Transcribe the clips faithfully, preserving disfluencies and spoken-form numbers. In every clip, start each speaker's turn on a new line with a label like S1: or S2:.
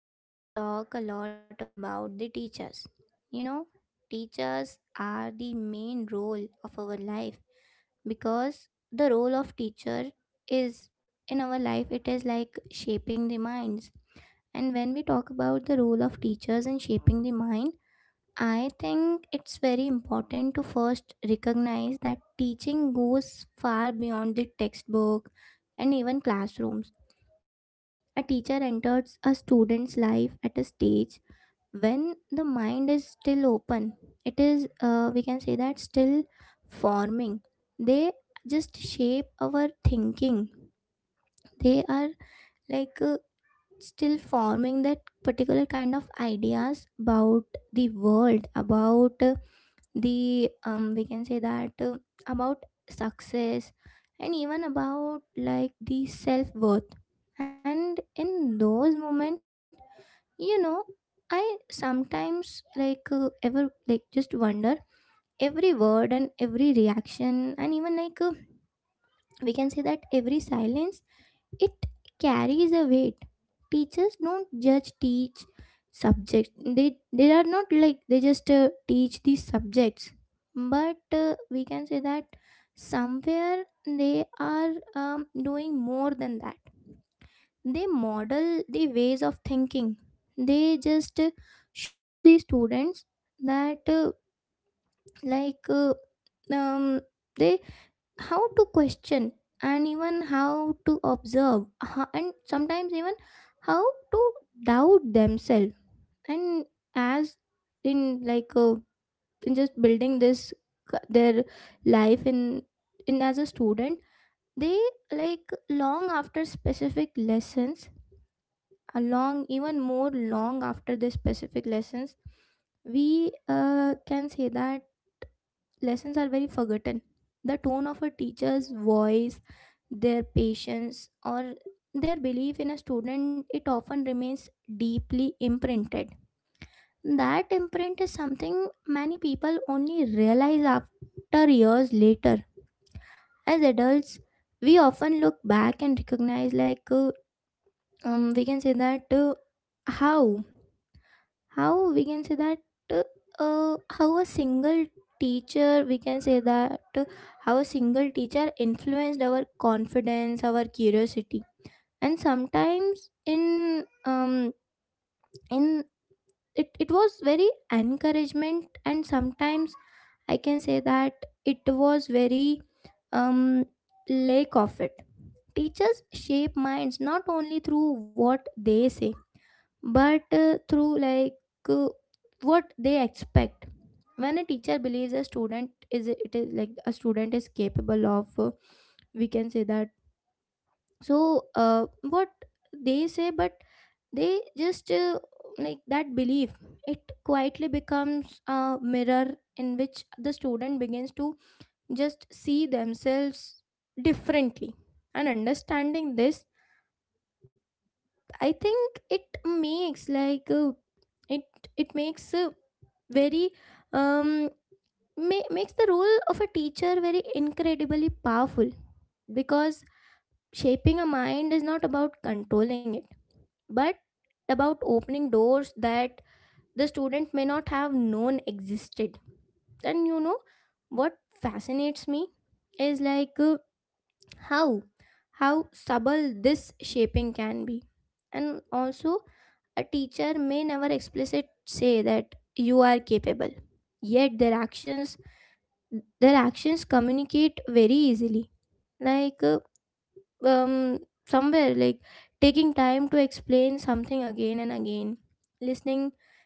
S1: we are going to talk a lot about the teachers. You know, teachers are the main role of our life because the role of teacher is in our life it is like shaping the minds. And when we talk about the role of teachers in shaping the mind, I think it's very important to first recognize that teaching goes far beyond the textbook and even classrooms, a teacher enters a student's life at a stage when the mind is still open. It is, uh, we can say that, still forming. They just shape our thinking. They are like uh, still forming that particular kind of ideas about the world, about uh, the, um, we can say that, uh, about success and even about like the self worth. And in those moments, you know I sometimes like uh, ever like just wonder every word and every reaction and even like uh, we can say that every silence, it carries a weight. Teachers don't just teach subject, they they are not like they just uh, teach these subjects, but uh, we can say that somewhere they are um, doing more than that. They model the ways of thinking. They just uh, show the students that uh, like uh, um, they how to question and even how to observe, ho- and sometimes even how to doubt themselves, and as in like uh, in just building this c- their life in in as a student, they like long after specific lessons, along even more long after the specific lessons, we uh, can say that lessons are very forgotten. The tone of a teacher's voice, their patience, or their belief in a student, it often remains deeply imprinted. That imprint is something many people only realize after years later. As adults, we often look back and recognize like uh, um, we can say that uh, how how we can say that uh, how a single teacher we can say that uh, how a single teacher influenced our confidence, our curiosity, and sometimes in um in it, it was very encouragement, and sometimes I can say that it was very um lack of it. Teachers shape minds not only through what they say but uh, through like uh, what they expect. When a teacher believes a student is, it is like a student is capable of uh, we can say that so uh, what they say, but they just uh, like that belief, it quietly becomes a mirror in which the student begins to just see themselves differently. And understanding this, I think it makes like uh, it it makes uh, very um ma- makes the role of a teacher very incredibly powerful, because shaping a mind is not about controlling it but about opening doors that the student may not have known existed. And you know what fascinates me is like uh, how how subtle this shaping can be. And also, a teacher may never explicit say that you are capable, yet their actions their actions communicate very easily, like uh, um somewhere like taking time to explain something again and again, listening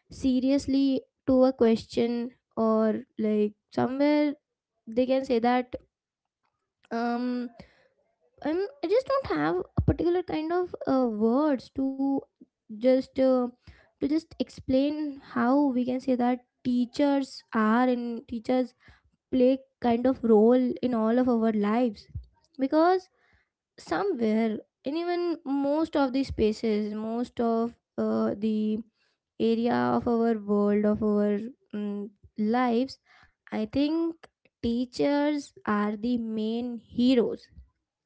S1: seriously to a question, or like somewhere they can say that um I'm, I just don't have a particular kind of uh, words to just uh, to just explain how we can say that teachers are, and teachers play kind of role in all of our lives, because somewhere and even most of the spaces, most of uh, the area of our world, of our mm, lives, I think teachers are the main heroes.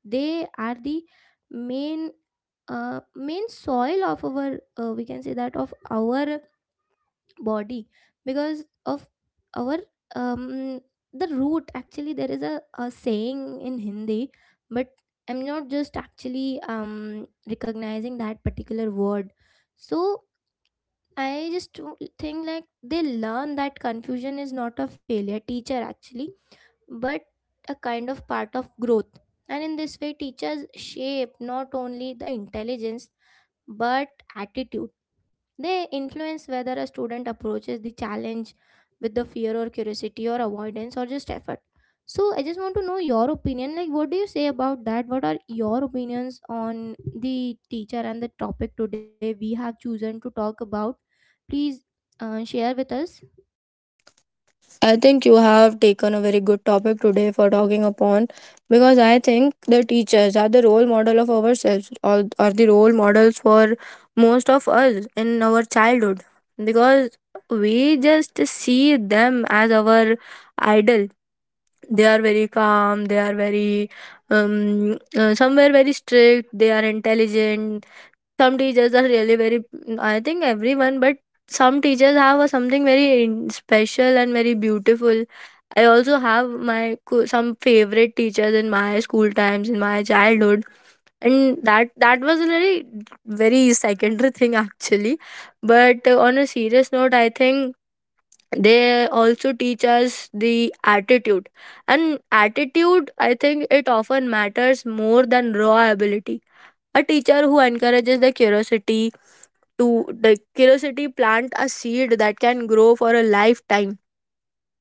S1: They are the main uh, main soil of our uh, we can say that of our body, because of our um the root. Actually, there is a, a saying in Hindi but I'm not just actually um recognizing that particular word. So I just think like they learn that confusion is not a failure teacher actually, but a kind of part of growth. And in this way, teachers shape not only the intelligence but attitude. They influence whether a student approaches the challenge with the fear or curiosity or avoidance or just effort. So, I just want to know your opinion. Like, what do you say about that? What are your opinions on the teacher and the topic today we have chosen to talk about? Please uh, share with us.
S2: I think you have taken a very good topic today for talking upon because I think the teachers are the role model of ourselves or are the role models for most of us in our childhood because we just see them as our idol. They are very calm, they are very um, uh, somewhere very strict, they are intelligent, some teachers are really very, I think everyone, but some teachers have a something very in- special and very beautiful. I also have my co- some favorite teachers in my school times in my childhood, and that that was a very very secondary thing actually. But uh, on a serious note, I think they also teach us the attitude, and attitude, I think, it often matters more than raw ability. A teacher who encourages the curiosity to the curiosity plant a seed that can grow for a lifetime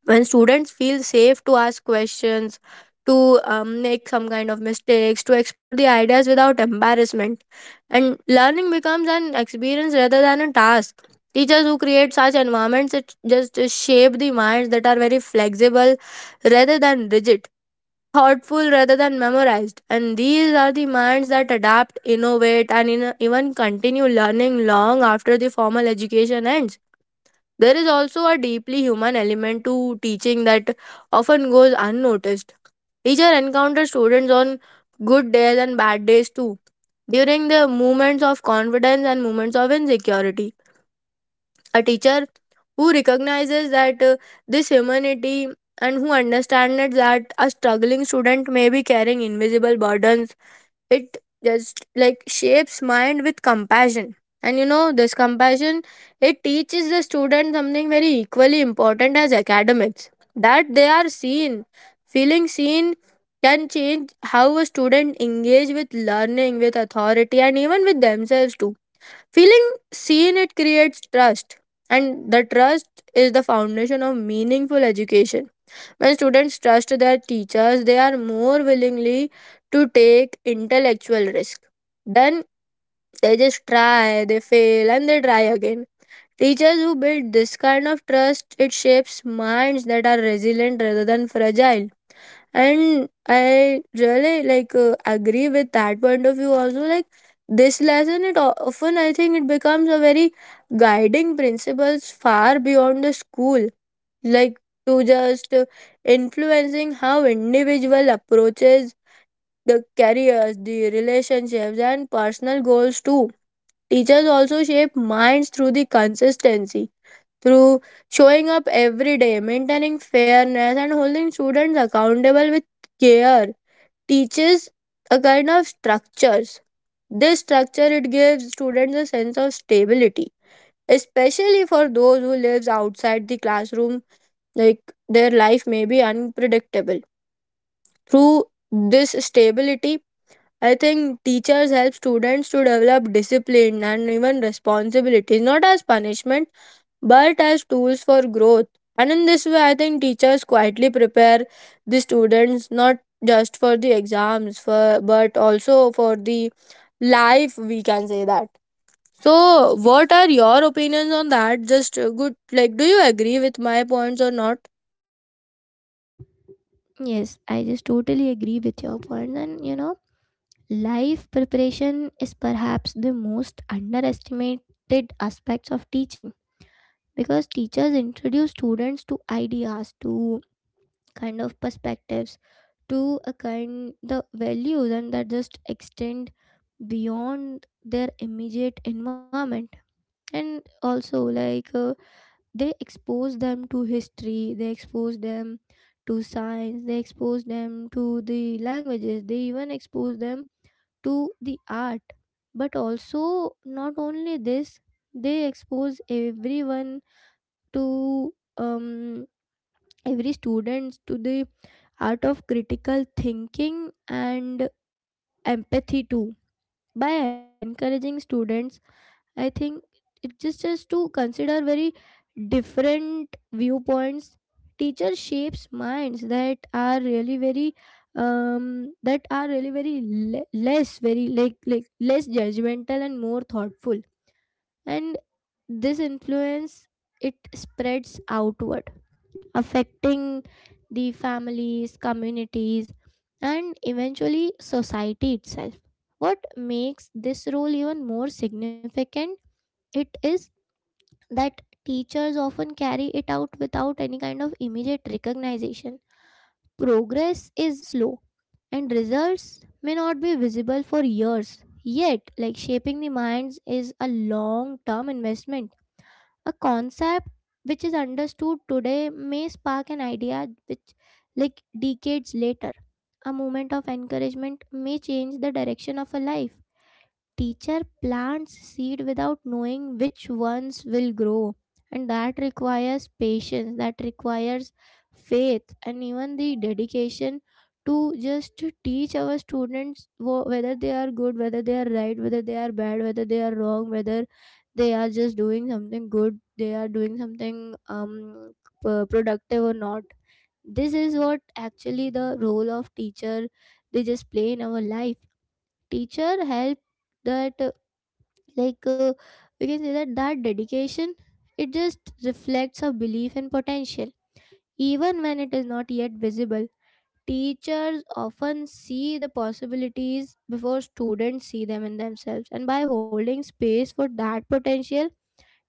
S2: when students feel safe to ask questions to um, make some kind of mistakes, to explore the ideas without embarrassment, and learning becomes an experience rather than a task. Teachers who create such environments, it just shape the minds that are very flexible rather than rigid, thoughtful rather than memorized. And these are the minds that adapt, innovate, and in- even continue learning long after the formal education ends. There is also a deeply human element to teaching that often goes unnoticed. Teacher encounters students on good days and bad days too, during the moments of confidence and moments of insecurity. A teacher who recognizes that uh, this humanity, and who understands it, that a struggling student may be carrying invisible burdens, it just like shapes mind with compassion. And you know, this compassion, it teaches the student something very equally important as academics, that they are seen. Feeling seen can change how a student engage with learning, with authority, and even with themselves too. Feeling seen, it creates trust, and the trust is the foundation of meaningful education. When students trust their teachers, they are more willingly to take intellectual risk. Then they just try, they fail, and they try again. Teachers who build this kind of trust, it shapes minds that are resilient rather than fragile. And I really like uh, agree with that point of view also. Like, this lesson, it o- often, I think, it becomes a very guiding principles far beyond the school, like to just uh, influencing how individual approaches the careers, the relationships, and personal goals too. Teachers also shape minds through the consistency, through showing up every day, maintaining fairness, and holding students accountable with care, teaches a kind of structures. This structure, it gives students a sense of stability, especially for those who lives outside the classroom. Like, their life may be unpredictable. Through this stability, I think teachers help students to develop discipline and even responsibilities, not as punishment but as tools for growth. And in this way, I think teachers quietly prepare the students not just for the exams, for, but also for the life, we can say that. So, what are your opinions on that? Just uh, good, like, do you agree with my points or not?
S1: Yes, I just totally agree with your point, and you know life preparation is perhaps the most underestimated aspects of teaching because teachers introduce students to ideas, to kind of perspectives, to a kind the values, and that just extend beyond their immediate environment, and also like uh, they expose them to history, they expose them to science, they expose them to the languages, they even expose them to the art, but also, not only this, they expose everyone to um, every students to the art of critical thinking and empathy too, by encouraging students. I think it just just to consider very different viewpoints. Teacher shapes minds that are really very um that are really very le- less very like like less judgmental and more thoughtful, and this influence, it spreads outward, affecting the families, communities, and eventually society itself. What makes this role even more significant, it is that teachers often carry it out without any kind of immediate recognition. Progress is slow and results may not be visible for years. Yet, like, shaping the minds is a long term investment. A concept which is understood today may spark an idea which, like decades later, a moment of encouragement may change the direction of a life. Teacher plants seed without knowing which ones will grow, and that requires patience, that requires faith, and even the dedication to just to teach our students, wh- whether they are good, whether they are right, whether they are bad, whether they are wrong, whether they are just doing something good, they are doing something um p- productive or not. This is what actually the role of teacher they just play in our life. Teacher help that, like uh, we can say that that dedication, it just reflects a belief in potential even when it is not yet visible. Teachers often see the possibilities before students see them in themselves, and by holding space for that potential,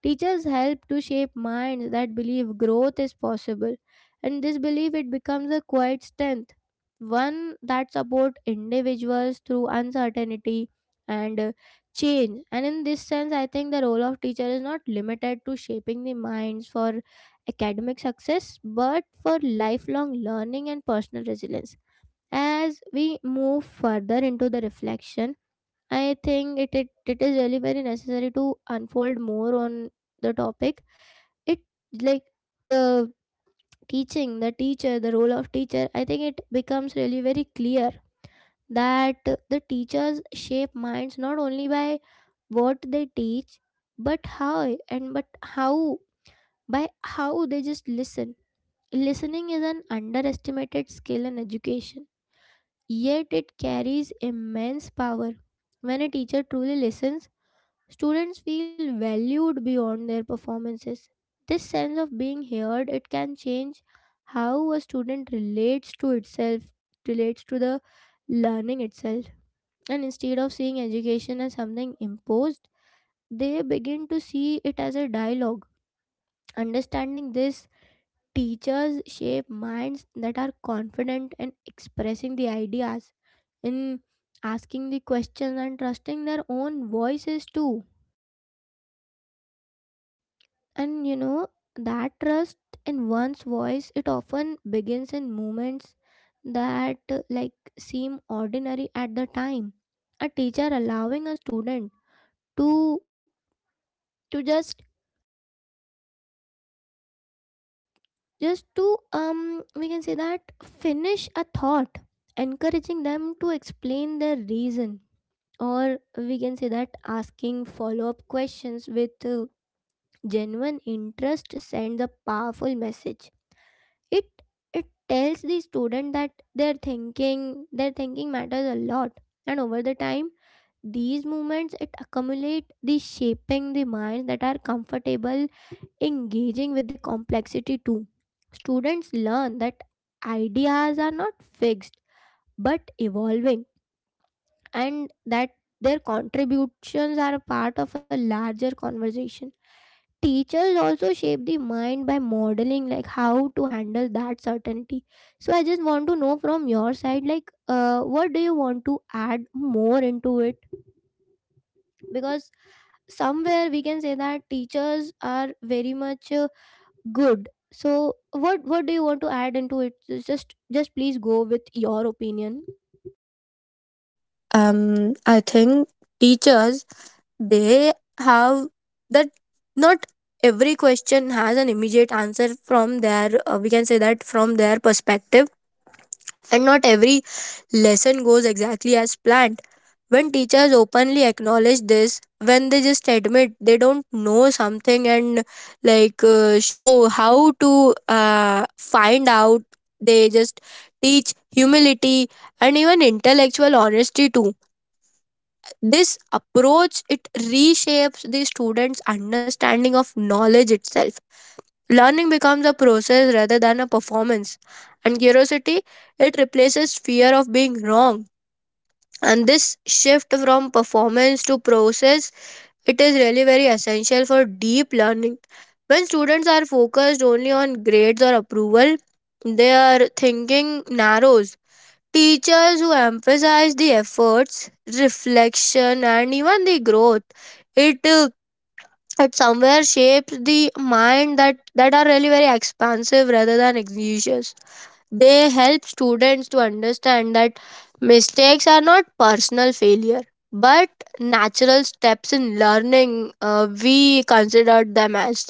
S1: teachers help to shape minds that believe growth is possible, and this belief, it becomes a quiet strength, one that supports individuals through uncertainty and uh, change. And in this sense, I think the role of teacher is not limited to shaping the minds for academic success, but for lifelong learning and personal resilience. As we move further into the reflection, I think it, it it is really very necessary to unfold more on the topic. It, like the teaching, the teacher, the role of teacher, I think it becomes really very clear that the teachers shape minds not only by what they teach, but how and but how by how they just listen. Listening is an underestimated skill in education, yet it carries immense power. When a teacher truly listens, students feel valued beyond their performances. This sense of being heard, it can change how a student relates to itself, relates to the learning itself. And instead of seeing education as something imposed, they begin to see it as a dialogue. Understanding this, teachers shape minds that are confident in expressing the ideas, in asking the questions, and trusting their own voices too. And you know, that trust in one's voice, it often begins in moments that uh, like seem ordinary at the time. A teacher allowing a student to to just just to um we can say that finish a thought, encouraging them to explain their reason, or we can say that asking follow up questions with uh, genuine interest, sends a powerful message. It it tells the student that their thinking their thinking matters a lot, and over the time, these movements, it accumulate the shaping the minds that are comfortable engaging with the complexity too. Students learn that ideas are not fixed but evolving, and that their contributions are a part of a larger conversation. Teachers also shape the mind by modeling like how to handle that certainty. So I just want to know from your side, like uh, what do you want to add more into it? Because somewhere we can say that teachers are very much uh, good. So what what do you want to add into it? Just just Please go with your opinion.
S2: Um, I think teachers, they have that not every question has an immediate answer from their uh, we can say that from their perspective, and not every lesson goes exactly as planned. When teachers openly acknowledge this, when they just admit they don't know something and like uh, show how to uh, find out, they just teach humility and even intellectual honesty too. This approach, it reshapes the students' understanding of knowledge itself. Learning becomes a process rather than a performance. And curiosity, it replaces fear of being wrong. And this shift from performance to process, it is really very essential for deep learning. When students are focused only on grades or approval, their thinking narrows. Teachers who emphasize the efforts, reflection, and even the growth, it uh, that somewhere shapes the mind that that are really very expansive rather than anxious. They help students to understand that mistakes are not personal failure but natural steps in learning. Uh, we consider them as,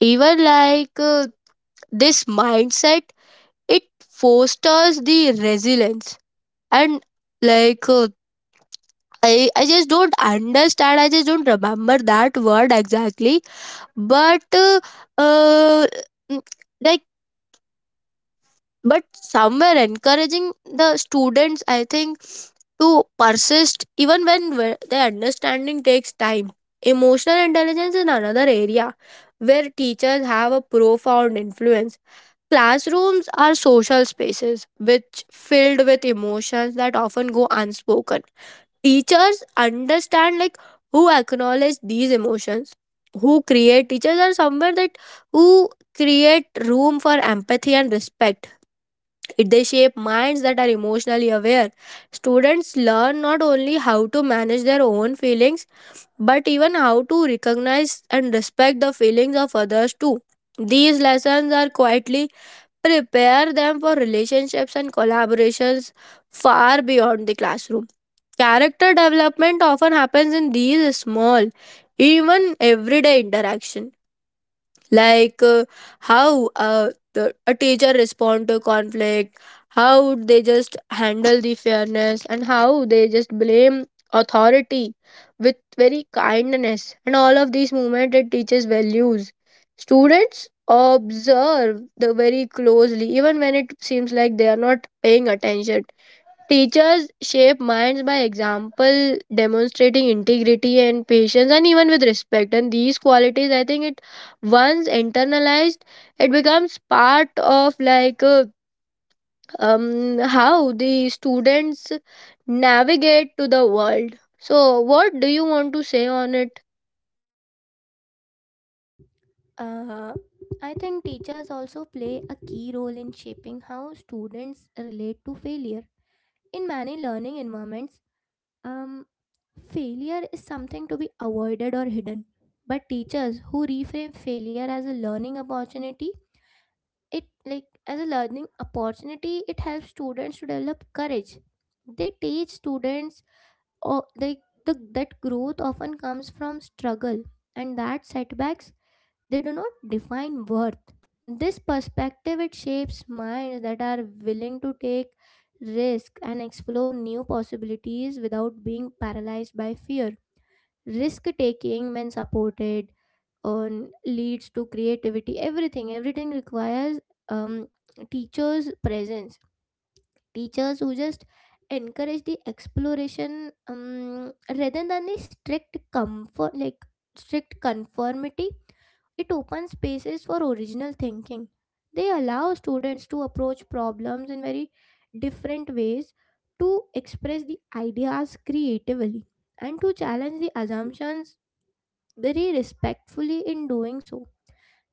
S2: even like uh, this mindset, it fosters the resilience and like uh, i i just don't understand i just don't remember that word exactly. But uh, uh, mm, like but somewhere encouraging the students, I think, to persist even when whe- their understanding takes time. Emotional intelligence is another area where teachers have a profound influence. Classrooms are social spaces which filled with emotions that often go unspoken. Teachers understand, like, who acknowledge these emotions, who create, teachers are somewhere that who create room for empathy and respect, it, they shape minds that are emotionally aware. Students learn not only how to manage their own feelings, but even how to recognize and respect the feelings of others too. These lessons are quietly prepare them for relationships and collaborations far beyond the classroom. Character development often happens in these small, even everyday interaction, like uh, how uh, the, a teacher respond to conflict, how they just handle the fairness, and how they just blame authority with very kindness. And all of these movement, it teaches values. Students observe the very closely, even when it seems like they are not paying attention. Teachers shape minds by example, demonstrating integrity and patience, and even with respect. And these qualities, I think, it once internalized, it becomes part of like uh, um how the students navigate to the world. So, what do you want to say on it?
S1: uh, I think teachers also play a key role in shaping how students relate to failure. In many learning environments, Um, failure is something to be avoided or hidden. But teachers who reframe failure as a learning opportunity, it like as a learning opportunity, it helps students to develop courage. They teach students, or like the, that growth often comes from struggle and that setbacks, they do not define worth. This perspective it shapes minds that are willing to take risk and explore new possibilities without being paralyzed by fear. Risk taking when supported on leads to creativity. Everything, everything requires um, teachers' presence, teachers who just encourage the exploration, um, rather than the strict comfort like strict conformity. It opens spaces for original thinking. They allow students to approach problems in very different ways, to express the ideas creatively and to challenge the assumptions very respectfully. In doing so,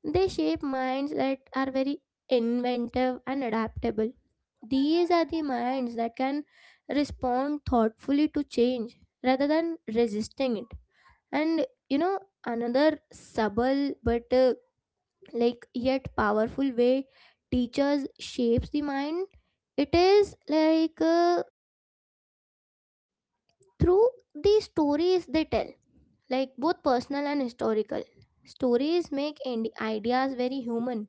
S1: they shape minds that are very inventive and adaptable. These are the minds that can respond thoughtfully to change rather than resisting it. And you know, another subtle but uh, like yet powerful way teachers shapes the mind, it is like uh, through the stories they tell, like both personal and historical. Stories make ind- ideas very human.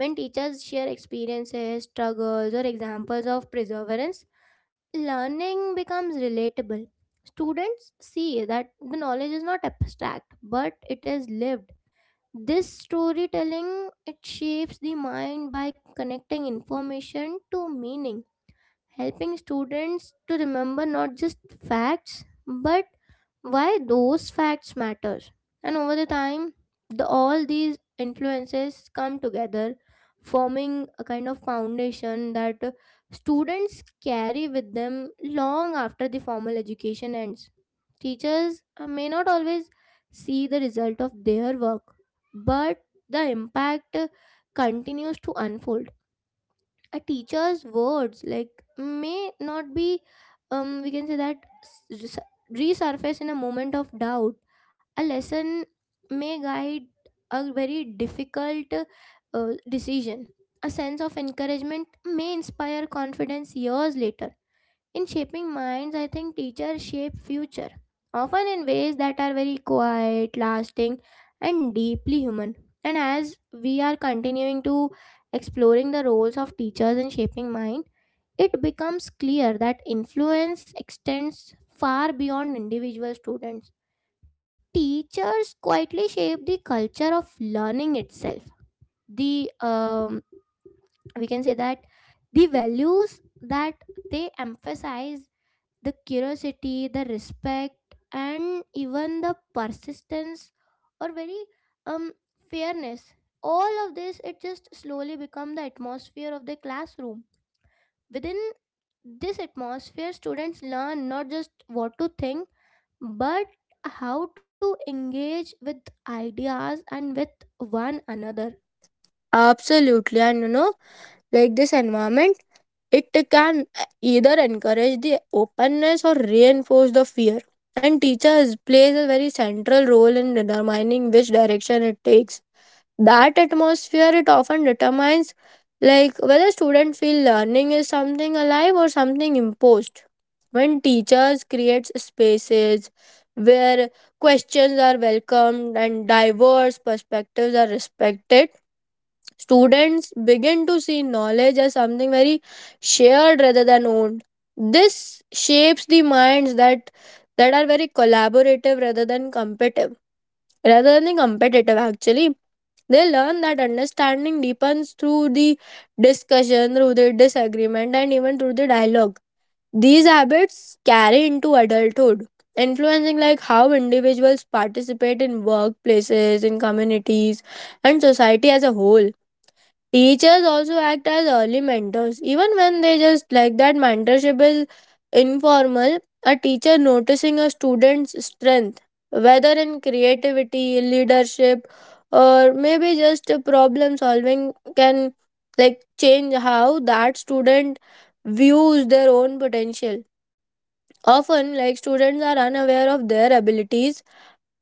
S1: When teachers share experiences, struggles, or examples of perseverance, learning becomes relatable. Students see that the knowledge is not abstract, but it is lived. This storytelling it shapes the mind by connecting information to meaning, helping students to remember not just facts but why those facts matter. And over the time, the, all these influences come together, forming a kind of foundation that uh, students carry with them long after the formal education ends. Teachers uh, may not always see the result of their work, but the impact uh, continues to unfold. A teacher's words like may not be, um we can say that s- res- resurface in a moment of doubt. A lesson may guide a very difficult uh, decision. A sense of encouragement may inspire confidence years later. In shaping minds, I think teachers shape future, often in ways that are very quiet, lasting, and deeply human. And as we are continuing to exploring the roles of teachers in shaping mind, it becomes clear that influence extends far beyond individual students. Teachers quietly shape the culture of learning itself. The um, We can say that the values that they emphasize, the curiosity, the respect, and even the persistence or very, um, fairness. All of this, it just slowly become the atmosphere of the classroom. Within this atmosphere, students learn not just what to think, but how to engage with ideas and with one another.
S2: Absolutely, and you know, like, this environment, it can uh, either encourage the openness or reinforce the fear. And teachers plays a very central role in determining which direction it takes. That atmosphere, it often determines like whether students feel learning is something alive or something imposed. When teachers create spaces where questions are welcomed and diverse perspectives are respected, students begin to see knowledge as something very shared rather than owned. This shapes the minds that that are very collaborative rather than competitive. Rather than competitive, actually, they learn that understanding deepens through the discussion, through the disagreement, and even through the dialogue. These habits carry into adulthood, influencing like how individuals participate in workplaces, in communities, and society as a whole. Teachers also act as early mentors, even when they just like that mentorship is informal. A teacher noticing a student's strength, whether in creativity, leadership, or maybe just a problem solving, can like change how that student views their own potential. Often, like, students are unaware of their abilities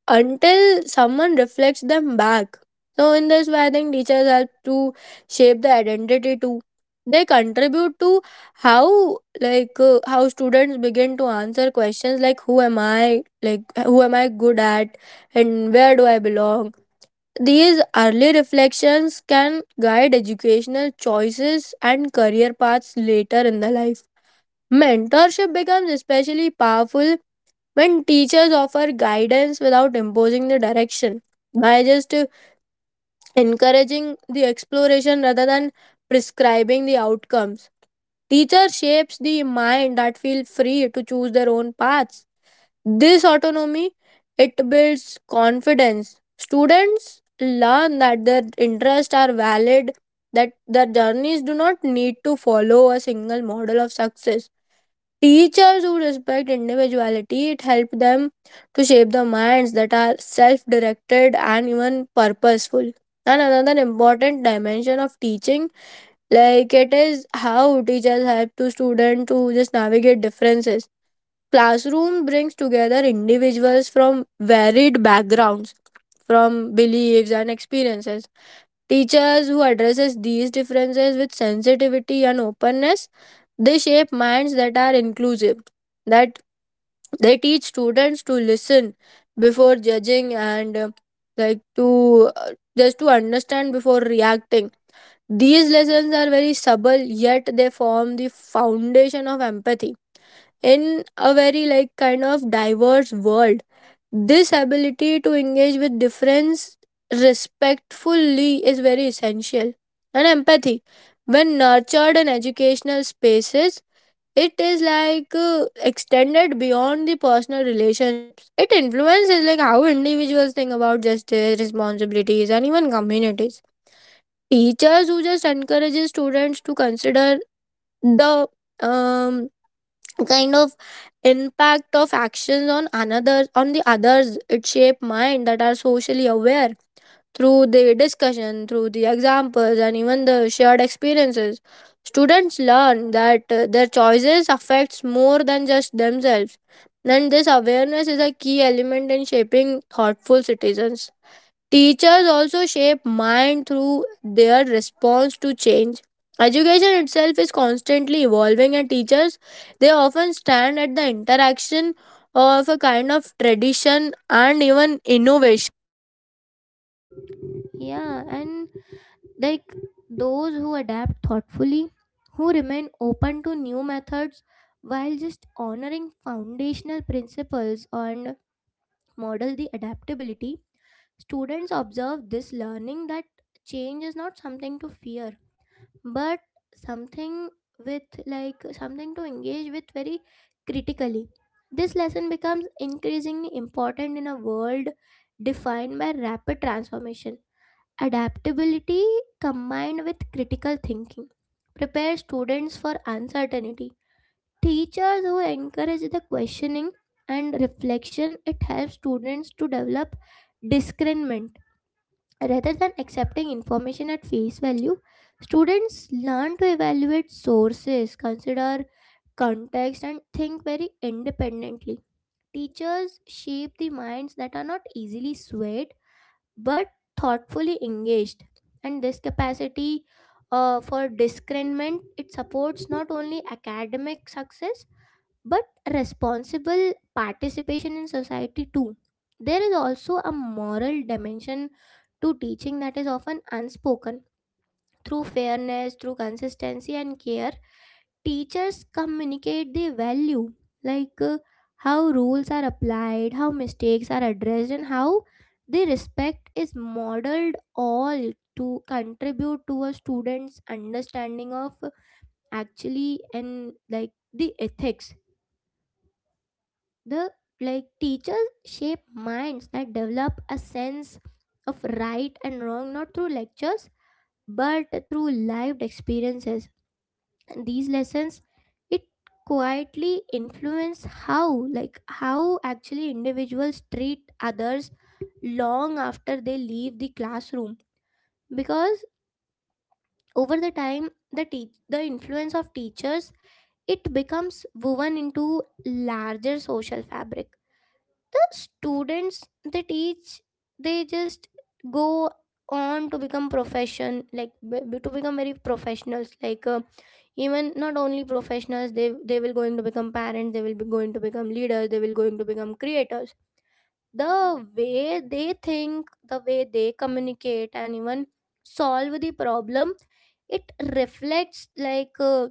S2: until someone reflects them back. So, in this way, I think teachers help to shape the identity too. They contribute to how like uh, how students begin to answer questions like who am I, like who am I good at, and where do I belong. These early reflections can guide educational choices and career paths later in the life. Mentorship becomes especially powerful when teachers offer guidance without imposing the direction, by just uh, encouraging the exploration rather than prescribing the outcomes, teacher shapes the mind that feel free to choose their own paths. This autonomy, it builds confidence. Students learn that their interests are valid, that their journeys do not need to follow a single model of success. Teachers who respect individuality, it helps them to shape the minds that are self-directed and even purposeful. And another important dimension of teaching, like, it is how teachers help to students to just navigate differences. Classroom brings together individuals from varied backgrounds, from beliefs and experiences. Teachers who addresses these differences with sensitivity and openness, they shape minds that are inclusive, that they teach students to listen before judging, and uh, like to uh, just to understand before reacting. These lessons are very subtle, yet they form the foundation of empathy in a very like kind of diverse world. This ability to engage with difference respectfully is very essential. And empathy, when nurtured in educational spaces, it is like uh, extended beyond the personal relationships. It influences like how individuals think about justice, responsibilities, and even communities. Teachers who just encourages students to consider the um, kind of impact of actions on another on the others, it shape mind that are socially aware. Through the discussion, through the examples, and even the shared experiences, students learn that uh, their choices affects more than just themselves. And this awareness is a key element in shaping thoughtful citizens. Teachers also shape mind through their response to change. Education itself is constantly evolving, and teachers they often stand at the interaction of a kind of tradition and even innovation.
S1: Yeah, and like those who adapt thoughtfully, who remain open to new methods while just honoring foundational principles and model the adaptability. Students observe this, learning that change is not something to fear, but something with like something to engage with very critically. This lesson becomes increasingly important in a world defined by rapid transformation. Adaptability combined with critical thinking prepare students for uncertainty. Teachers who encourage the questioning and reflection, it helps students to develop discernment rather than accepting information at face value. Students learn to evaluate sources, consider context and think very independently. Teachers shape the minds that are not easily swayed but thoughtfully engaged, and this capacity uh, for discernment it supports not only academic success but responsible participation in society too. There is also a moral dimension to teaching that is often unspoken. Through fairness, through consistency and care, teachers communicate their value, like uh, how rules are applied, how mistakes are addressed and how the respect is modeled, all to contribute to a student's understanding of actually and like the ethics. The like Teachers shape minds that develop a sense of right and wrong, not through lectures but through lived experiences. These lessons, it quietly influence how like how actually individuals treat others long after they leave the classroom. Because over the time, the teach the influence of teachers, it becomes woven into larger social fabric. The students they teach, they just go on to become profession like be- to become very professionals, like uh, even not only professionals. They they will going to become parents, they will be going to become leaders, they will going to become creators. The way they think, the way they communicate and even solve the problem, it reflects like uh,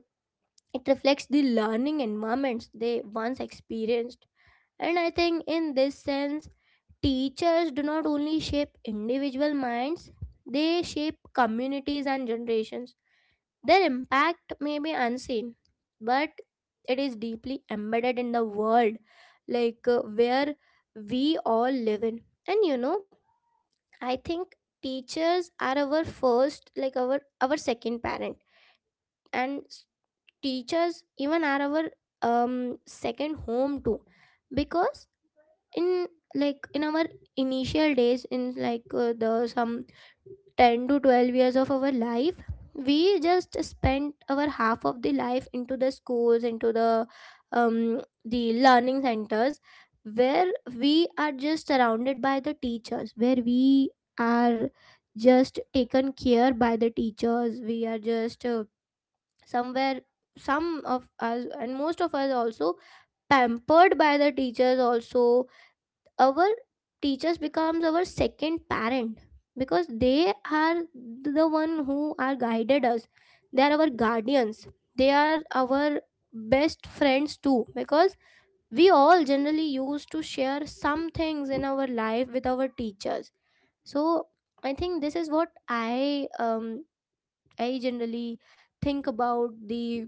S1: it reflects the learning environments they once experienced. And I think in this sense, teachers do not only shape individual minds, they shape communities and generations. Their impact may be unseen, but it is deeply embedded in the world, like uh, where we all live in. And you know, I think teachers are our first, like our our second parent, and s- teachers even are our um second home too, because in like in our initial days, in like uh, the some ten to twelve years of our life, we just spent our half of the life into the schools, into the um the learning centers, where we are just surrounded by the teachers, where we are just taken care by the teachers. We are just uh, somewhere, some of us and most of us also pampered by the teachers also. Our teachers becomes our second parent because they are the one who are guided us. They are our guardians, they are our best friends too, because we all generally used to share some things in our life with our teachers. So I think this is what I um I generally think about the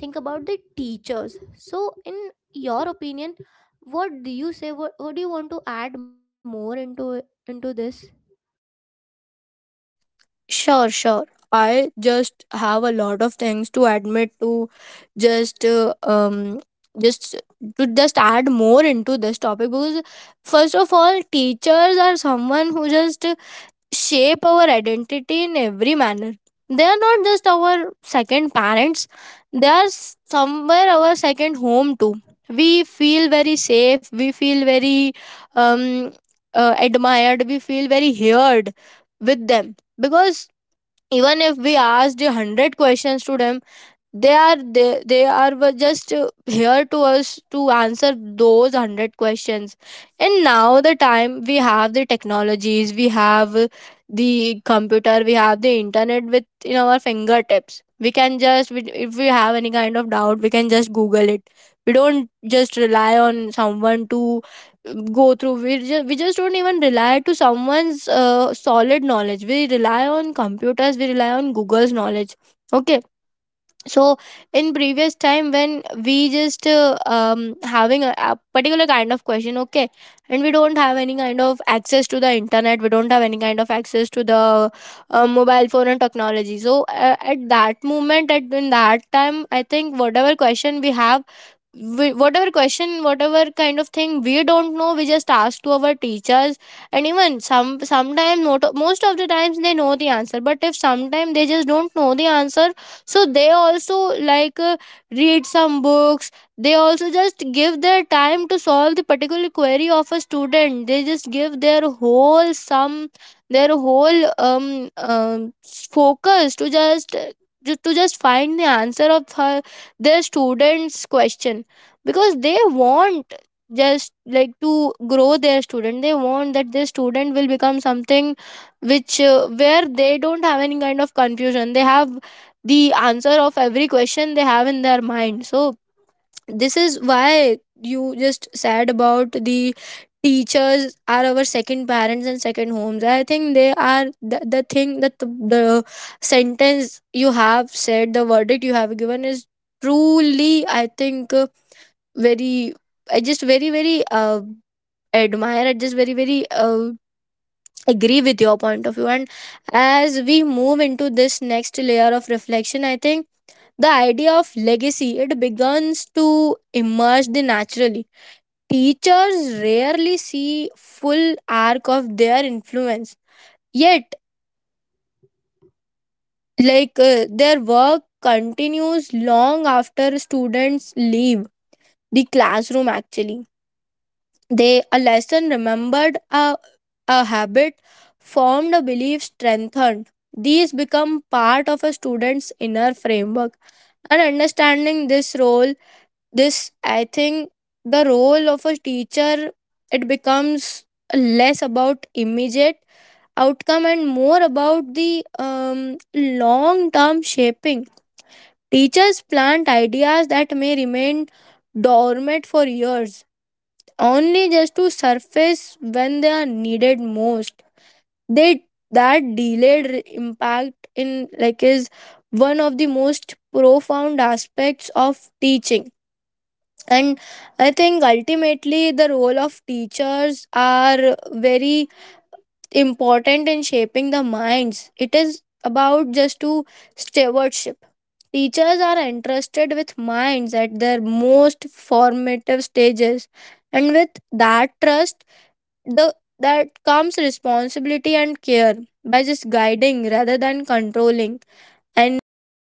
S1: think about the teachers. So in your opinion, what do you say, what, what do you want to add more into into this?
S2: Sure, sure. I just have a lot of things to admit to, just uh, um just to just add more into this topic. Because first of all, teachers are someone who just shape our identity in every manner. They are not just our second parents, they are s- somewhere our second home too. We feel very safe, we feel very um uh, admired, we feel very heard with them, because even if we asked a hundred questions to them, they are they, they are were just uh, here to us to answer those a hundred questions. And now the time we have the technologies, we have uh, the computer, we have the internet with in our fingertips. We can just we- if we have any kind of doubt we can just google it. We don't just rely on someone to go through. We just, we just don't even rely to someone's uh, solid knowledge. We rely on computers, we rely on google's knowledge. Okay, so in previous time when we just uh, um, having a, a particular kind of question, okay, and we don't have any kind of access to the internet, we don't have any kind of access to the uh, mobile phone and technology. So uh, at that moment, at in that time, I think whatever question we have, we, whatever question, whatever kind of thing we don't know, we just ask to our teachers. And even some sometimes, not most of the times they know the answer, but if sometimes they just don't know the answer, so they also like uh, read some books. They also just give their time to solve the particular query of a student. They just give their whole sum, their whole um, um focus to just to just find the answer of her, their students question. Because they want just like to grow their student, they want that their student will become something which uh, where they don't have any kind of confusion. They have the answer of every question they have in their mind. So this is why you just said about the teachers are our second parents and second homes. I think they are the, the thing that the, the sentence you have said, the verdict you have given is truly, I think uh, very, I just very very uh, admire, I just very very uh, agree with your point of view. And as we move into this next layer of reflection, I think the idea of legacy it begins to emerge the naturally. Teachers rarely see full arc of their influence, yet like uh, their work continues long after students leave the classroom. Actually, they a lesson remembered, a, a habit formed, a belief strengthened. These become part of a student's inner framework. And understanding this role, this I think the role of a teacher, it becomes less about immediate outcome and more about the um, long-term shaping. Teachers plant ideas that may remain dormant for years, only just to surface when they are needed most. They that delayed re- impact in like is one of the most profound aspects of teaching. And I think ultimately the role of teachers are very important in shaping the minds. It is about just to stewardship. Teachers are entrusted with minds at their most formative stages, and with that trust the that comes responsibility and care, by just guiding rather than controlling, encouraging